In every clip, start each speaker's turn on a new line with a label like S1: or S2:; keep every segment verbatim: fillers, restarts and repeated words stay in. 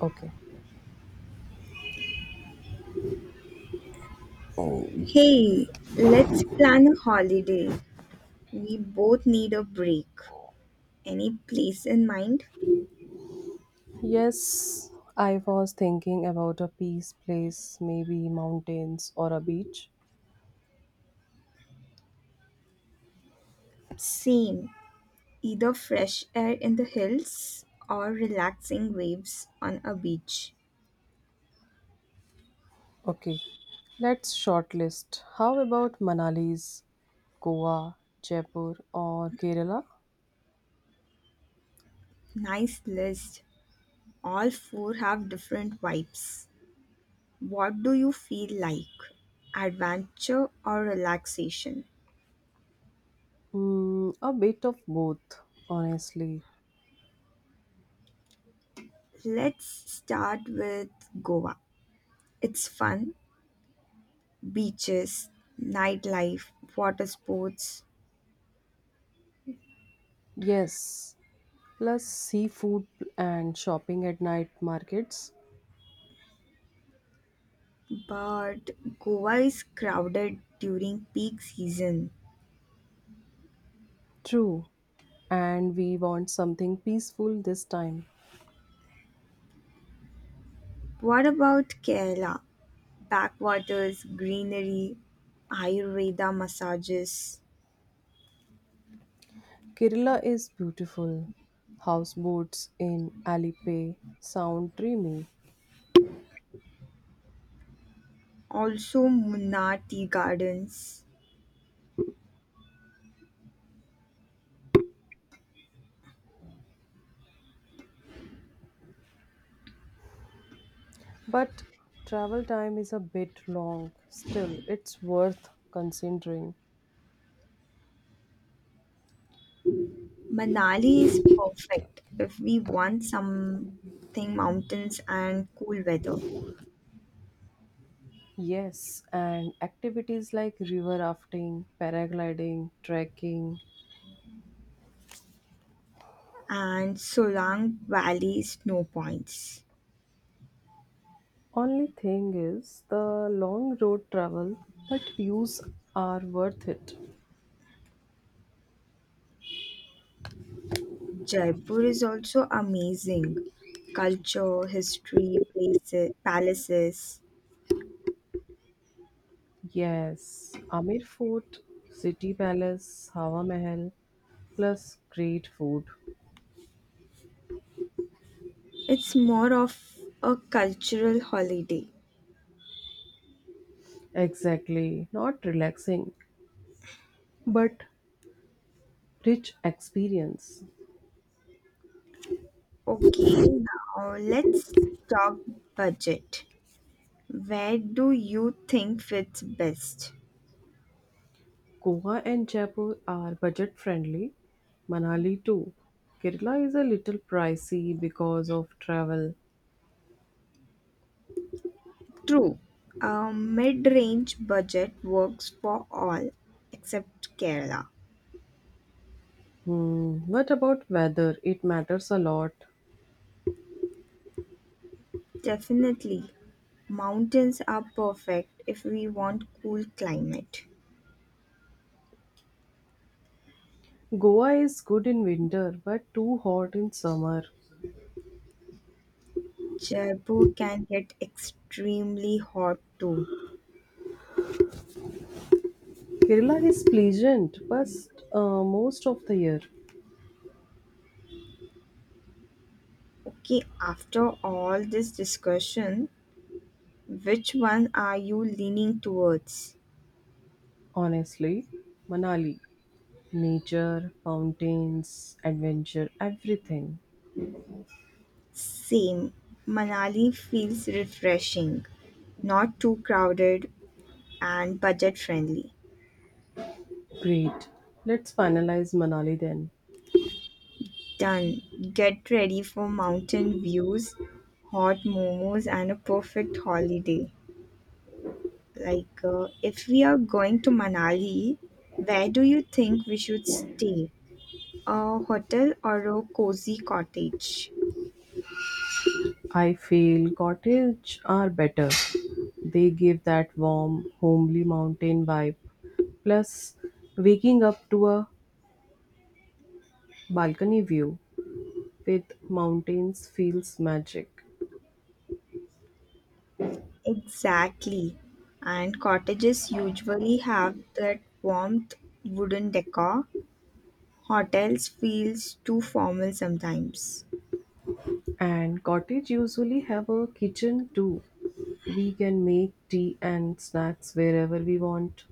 S1: Okay.
S2: Hey, let's plan a holiday. We both need a break. Any place in mind?
S1: Yes, I was thinking about a peace place, maybe mountains or a beach.
S2: Same. Either fresh air in the hills or relaxing waves on a beach.
S1: Okay, let's shortlist. How about Manali's, Goa, Jaipur, or Kerala?
S2: Nice list. All four have different vibes. What do you feel like? Adventure or relaxation?
S1: Mm, a bit of both, honestly.
S2: Let's start with Goa. It's fun, beaches, nightlife, water sports.
S1: Yes, plus seafood and shopping at night markets.
S2: But Goa is crowded during peak season.
S1: True, and we want something peaceful this time.
S2: What about Kerala? Backwaters, greenery, Ayurveda massages,
S1: Kerala is beautiful. Houseboats in Alipay sound dreamy,
S2: also Munnar tea gardens.
S1: but travel time is a bit long. Still, it's worth considering.
S2: Manali is perfect if we want something mountains and cool weather.
S1: Yes, and activities like river rafting, paragliding, trekking.
S2: And Solang Valley snow points.
S1: Only thing is the long road travel, but views are worth it.
S2: Jaipur is also amazing. Culture, history, places, palaces.
S1: Yes, Amir Fort, City Palace, Hawa Mahal, plus great food.
S2: It's more of a cultural holiday.
S1: Exactly, not relaxing, but rich experience.
S2: Okay, now let's talk budget. Where do you think fits best?
S1: Goa and Jaipur are budget friendly, Manali too. Kerala is a little pricey because of travel.
S2: True, a mid range budget works for all except Kerala.
S1: Hmm, what about weather? It matters a lot.
S2: Definitely, mountains are perfect if we want cool climate.
S1: Goa is good in winter but too hot in summer.
S2: Jaipur can get extremely hot too.
S1: Kerala is pleasant but uh, most of the year.
S2: Okay, after all this discussion, which one are you leaning towards?
S1: Honestly, Manali, nature, mountains, adventure, everything.
S2: Same. Manali feels refreshing, not too crowded, and budget friendly.
S1: Great. Let's finalize Manali then.
S2: Done. Get ready for mountain views, hot momos, and a perfect holiday. Like, uh, if we are going to Manali, where do you think we should stay? A hotel or a cozy cottage?
S1: I feel cottage are better. They give that warm, homely mountain vibe. Plus, waking up to a balcony view with mountains feels magic.
S2: Exactly. And cottages usually have that warmth wooden decor. Hotels feels too formal sometimes.
S1: And cottage usually have a kitchen too. We can make tea and snacks wherever we want.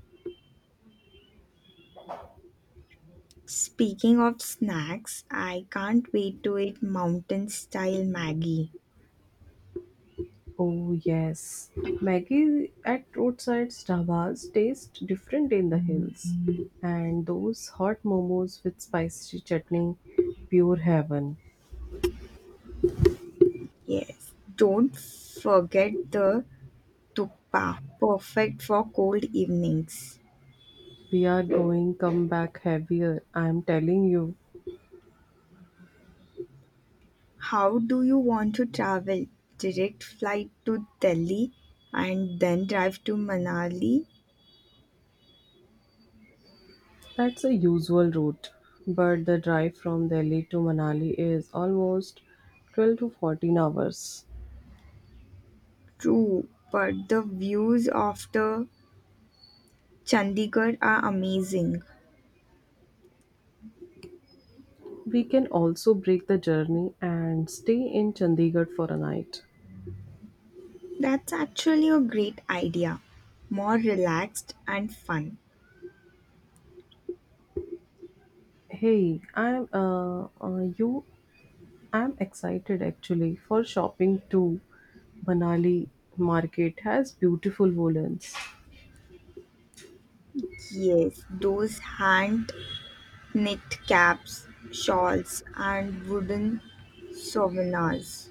S2: Speaking of snacks, I can't wait to eat mountain style Maggie.
S1: Oh yes, Maggie at roadside dhabas taste different in the hills, and those hot momos with spicy chutney, pure heaven.
S2: Yes. Don't forget the tukpa, perfect for cold evenings.
S1: We are going come back heavier. I'm telling you,
S2: How do you want to travel? Direct flight to Delhi and then drive to Manali.
S1: that's a usual route, but the drive from Delhi to Manali is almost twelve to fourteen hours.
S2: True, but the views after Chandigarh are amazing.
S1: We can also break the journey and stay in Chandigarh for a night.
S2: That's actually a great idea. More relaxed and fun.
S1: Hey, I'm uh, uh you I'm excited actually for shopping too. Banali market has beautiful woolens.
S2: Yes, those hand knit caps, shawls, and wooden souvenirs.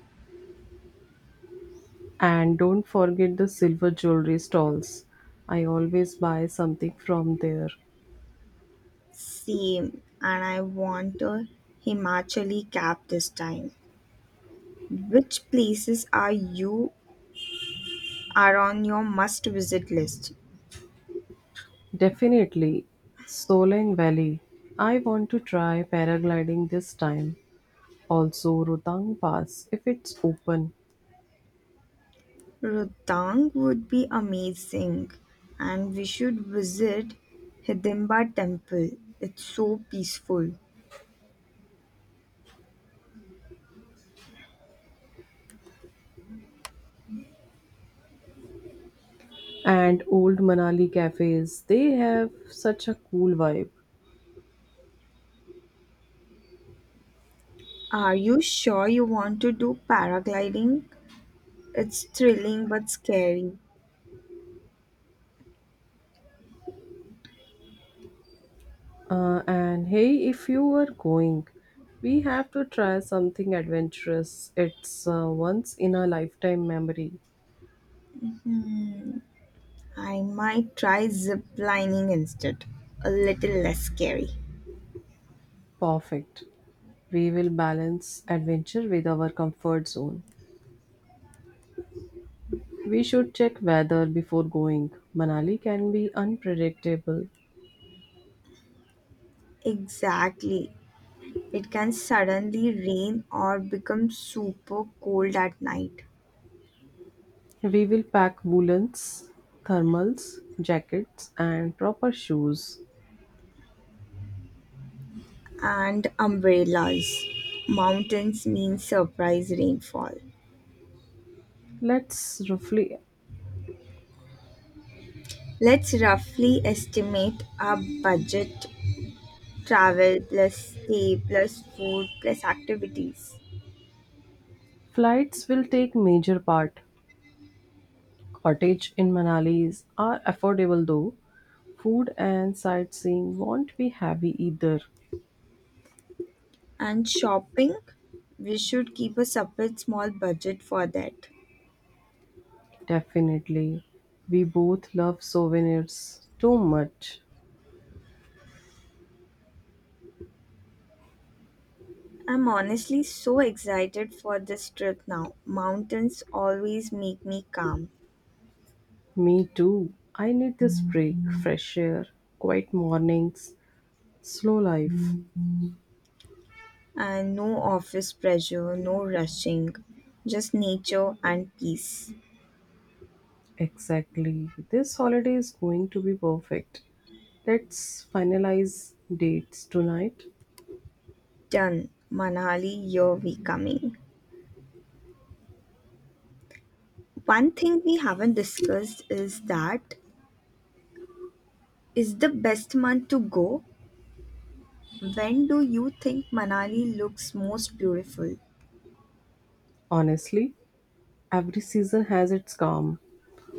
S1: And don't forget the silver jewelry stalls. I always buy something from there.
S2: Same, and I want a Himachali cap this time. Which places are you are on your must visit list?
S1: Definitely Solang Valley. I want to try paragliding this time. Also Rotang Pass if it's open.
S2: Rohtang would be amazing, and we should visit Hidimba temple. It's so peaceful.
S1: And old Manali cafes, they have such a cool vibe.
S2: Are you sure you want to do paragliding? It's thrilling but scary.
S1: Uh, and hey, if you were going, we have to try something adventurous. It's a once in a lifetime memory.
S2: I might try zip lining instead. A little less scary.
S1: Perfect. We will balance adventure with our comfort zone. We should check weather before going. Manali can be unpredictable.
S2: Exactly. It can suddenly rain or become super cold at night.
S1: We will pack woolens, thermals, jackets, and proper shoes.
S2: And umbrellas. Mountains mean surprise rainfall.
S1: Let's roughly.
S2: Let's roughly estimate our budget: travel plus stay plus food plus activities.
S1: Flights will take major part. Cottages in Manali are affordable though food and sightseeing won't be heavy either.
S2: And shopping, we should keep a separate small budget for that.
S1: Definitely. We both love souvenirs too much.
S2: I'm honestly so excited for this trip now. Mountains always make me calm.
S1: Me too. I need this break, fresh air, quiet mornings, slow life.
S2: And no office pressure, no rushing, just nature and peace.
S1: Exactly. This holiday is going to be perfect. Let's finalize dates tonight.
S2: Done. Manali, here we coming. One thing we haven't discussed is that is the best month to go? When do you think Manali looks most beautiful?
S1: Honestly, every season has its charm.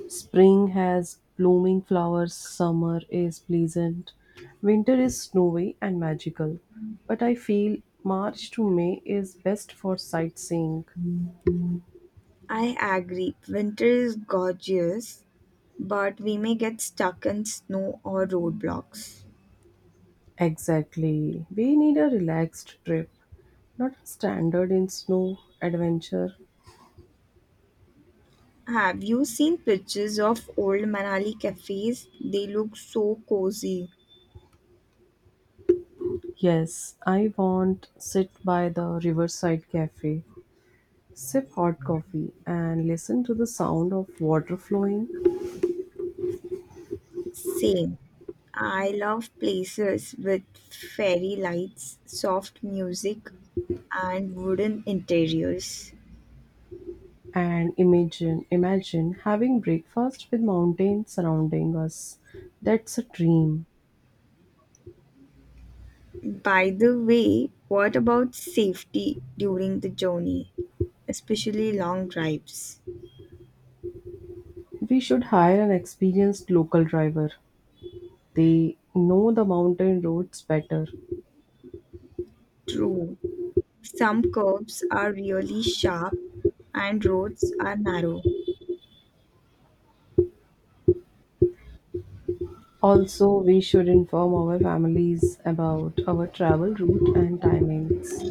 S1: Spring has blooming flowers, summer is pleasant, winter is snowy and magical. But I feel March to May is best for sightseeing.
S2: I agree, winter is gorgeous, but we may get stuck in snow or roadblocks.
S1: Exactly. We need a relaxed trip, not a standard in snow adventure.
S2: Have you seen pictures of old Manali cafes? They look so cozy.
S1: Yes, I want sit by the riverside cafe, sip hot coffee and listen to the sound of water flowing.
S2: Same. I love places with fairy lights, soft music, and wooden interiors.
S1: And imagine, imagine having breakfast with mountains surrounding us. That's a dream.
S2: By the way, what about safety during the journey, especially long drives?
S1: We should hire an experienced local driver. They know the mountain roads better.
S2: True, some curves are really sharp and roads are narrow.
S1: Also, we should inform our families about our travel route and timings.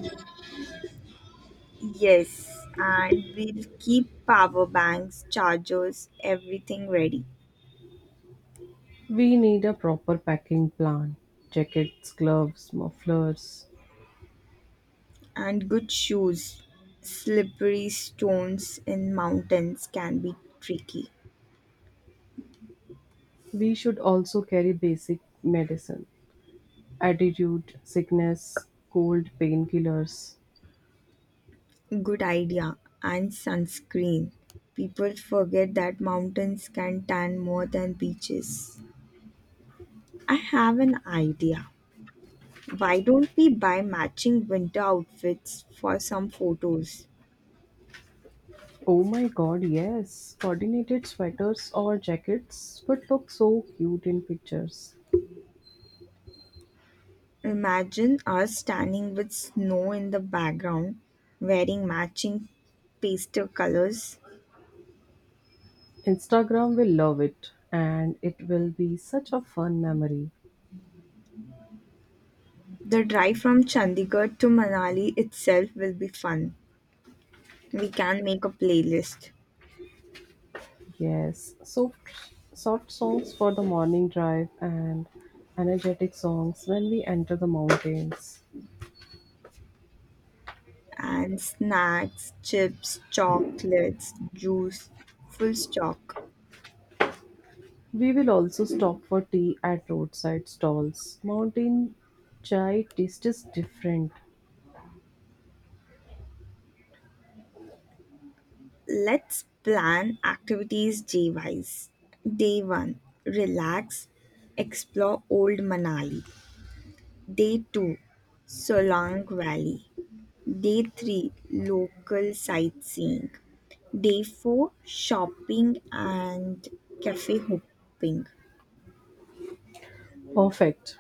S2: Yes, and we'll keep power banks, chargers, everything ready.
S1: We need a proper packing plan jackets, gloves, mufflers.
S2: And good shoes. Slippery stones in mountains can be tricky.
S1: We should also carry basic medicine, attitude, sickness, cold, painkillers.
S2: Good idea. And sunscreen. People forget that mountains can tan more than beaches. I have an idea. Why don't we buy matching winter outfits for some photos?
S1: Oh my god, yes. Coordinated sweaters or jackets would look so cute in pictures.
S2: Imagine us standing with snow in the background, wearing matching pastel colors.
S1: Instagram will love it and it will be such a fun memory.
S2: The drive from Chandigarh to Manali itself will be fun. We can make a playlist.
S1: Yes, soft soft songs for the morning drive and energetic songs when we enter the mountains.
S2: And snacks, chips, chocolates, juice, full stock.
S1: We will also stop for tea at roadside stalls. Mountain chai taste is different.
S2: Let's plan activities day wise. Day one, relax, explore Old Manali. Day two, Solang Valley. Day three, local sightseeing. Day four, shopping and cafe hopping.
S1: Perfect.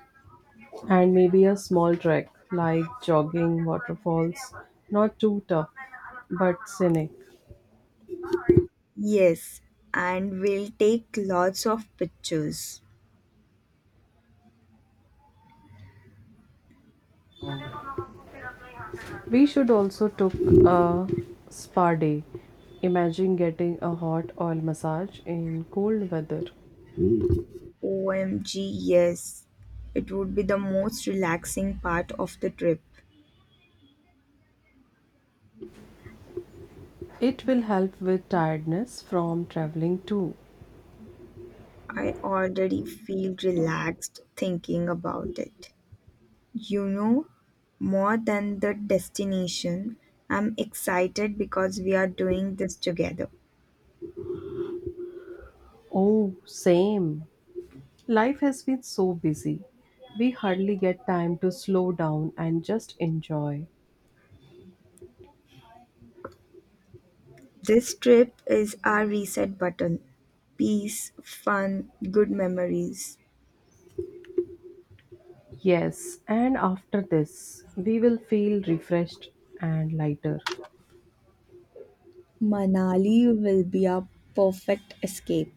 S1: And maybe a small trek, like jogging, waterfalls, not too tough, but scenic.
S2: Yes, and we'll take lots of pictures.
S1: We should also took a spa day. Imagine getting a hot oil massage in cold weather.
S2: O M G, yes. It would be the most relaxing part of the trip.
S1: It will help with tiredness from traveling too.
S2: I already feel relaxed thinking about it. You know, more than the destination, I'm excited because we are doing this together.
S1: Oh, same. Life has been so busy. We hardly get time to slow down and just enjoy.
S2: This trip is our reset button. Peace, fun, good memories.
S1: Yes, and after this, we will feel refreshed and lighter.
S2: Manali will be a perfect escape.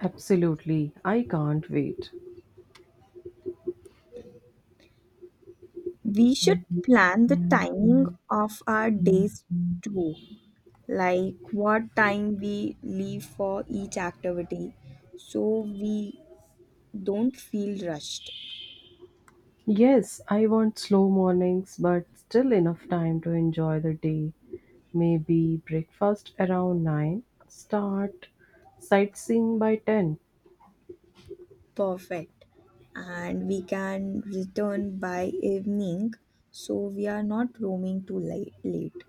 S1: Absolutely, I can't wait.
S2: We should plan the timing of our days too, like what time we leave for each activity so we don't feel rushed.
S1: Yes, I want slow mornings, but still enough time to enjoy the day. Maybe breakfast around nine, start sightseeing by ten.
S2: Perfect. And we can return by evening so we are not roaming too late. late.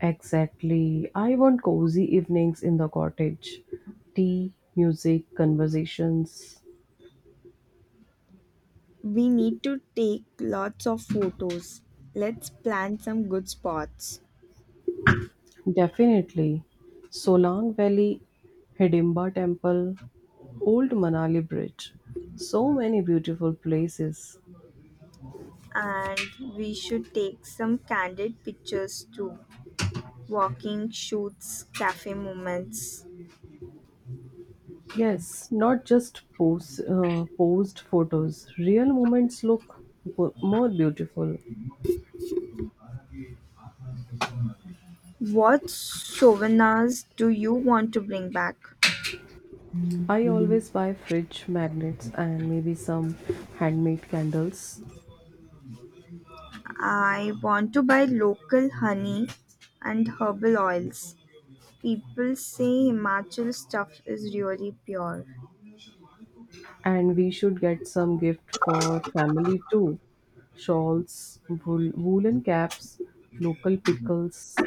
S1: Exactly, I want cozy evenings in the cottage. Tea, music, conversations.
S2: We need to take lots of photos. Let's plan some good spots.
S1: Definitely. Solang Valley, Hidimba Temple, Old Manali Bridge. So many beautiful places.
S2: And we should take some candid pictures too. Walking, shoots, cafe moments.
S1: Yes, not just pose, uh, posed photos. Real moments look bo- more beautiful.
S2: What souvenirs do you want to bring back?
S1: I always buy fridge magnets and maybe some handmade candles.
S2: I want to buy local honey and herbal oils. People say Himachal stuff is really pure.
S1: And we should get some gift for family too. Shawls, wool, woolen caps, local pickles.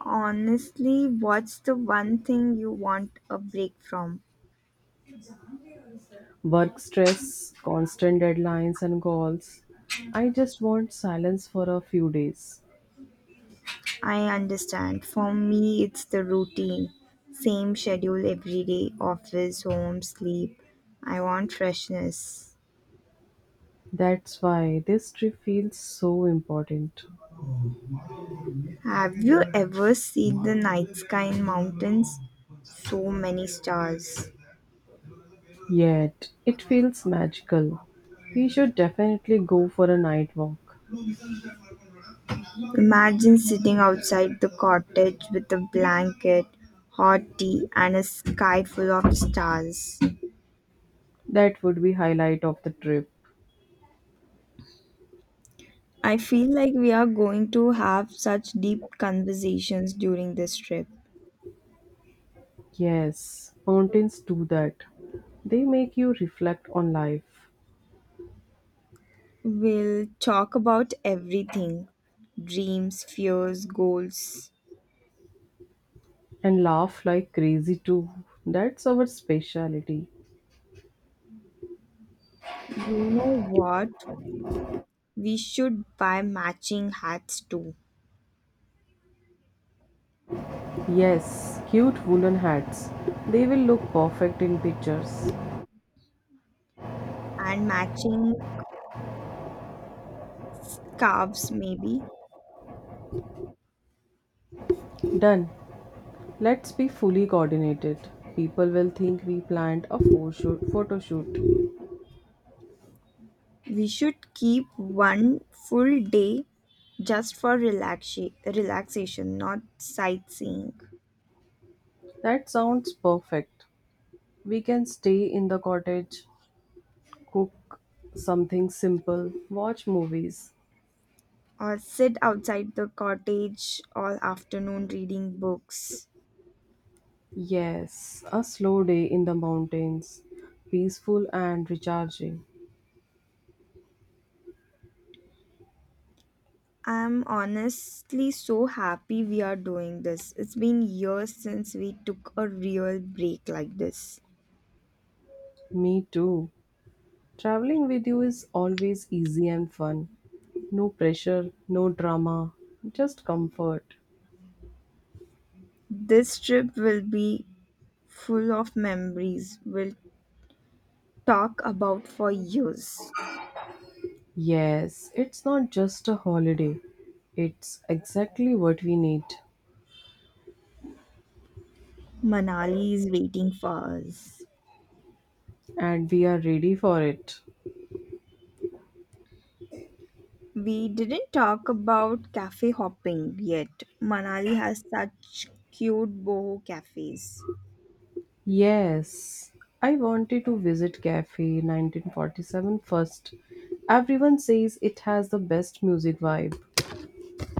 S2: Honestly, what's the one thing you want a break from?
S1: Work stress, constant deadlines, and goals. I just want silence for a few days.
S2: I understand. For me, it's the routine. Same schedule every day office, home, sleep. I want freshness.
S1: That's why this trip feels so important.
S2: Have you ever seen the night sky in mountains? So many stars.
S1: Yet, it feels magical. We should definitely go for a night walk.
S2: Imagine sitting outside the cottage with a blanket, hot tea, and a sky full of stars.
S1: That would be highlight of the trip.
S2: I feel like we are going to have such deep conversations during this trip.
S1: Yes, mountains do that. They make you reflect on life
S2: We'll talk about everything dreams, fears, goals.
S1: and laugh like crazy too. That's our speciality.
S2: You know what? We should buy matching hats too,
S1: Yes, cute woolen hats. They will look perfect in pictures.
S2: and matching calves, maybe.
S1: Done. Let's be fully coordinated. People will think we planned a pho- shoot- photo shoot.
S2: We should keep one full day just for relaxa- relaxation, not sightseeing.
S1: That sounds perfect. We can stay in the cottage, cook something simple, watch movies.
S2: Or sit outside the cottage all afternoon reading books.
S1: Yes, a slow day in the mountains, peaceful and recharging.
S2: I'm honestly so happy we are doing this. It's been years since we took a real break like this.
S1: Me too. Traveling with you is always easy and fun. No pressure, no drama, just comfort.
S2: This trip will be full of memories we'll talk about for years.
S1: Yes, it's not just a holiday. It's exactly what we need,
S2: Manali is waiting for us.
S1: and we are ready for it.
S2: We didn't talk about cafe hopping yet. Manali has such cute boho cafes.
S1: Yes, I wanted to visit Cafe nineteen forty-seven first. Everyone says it has the best music vibe.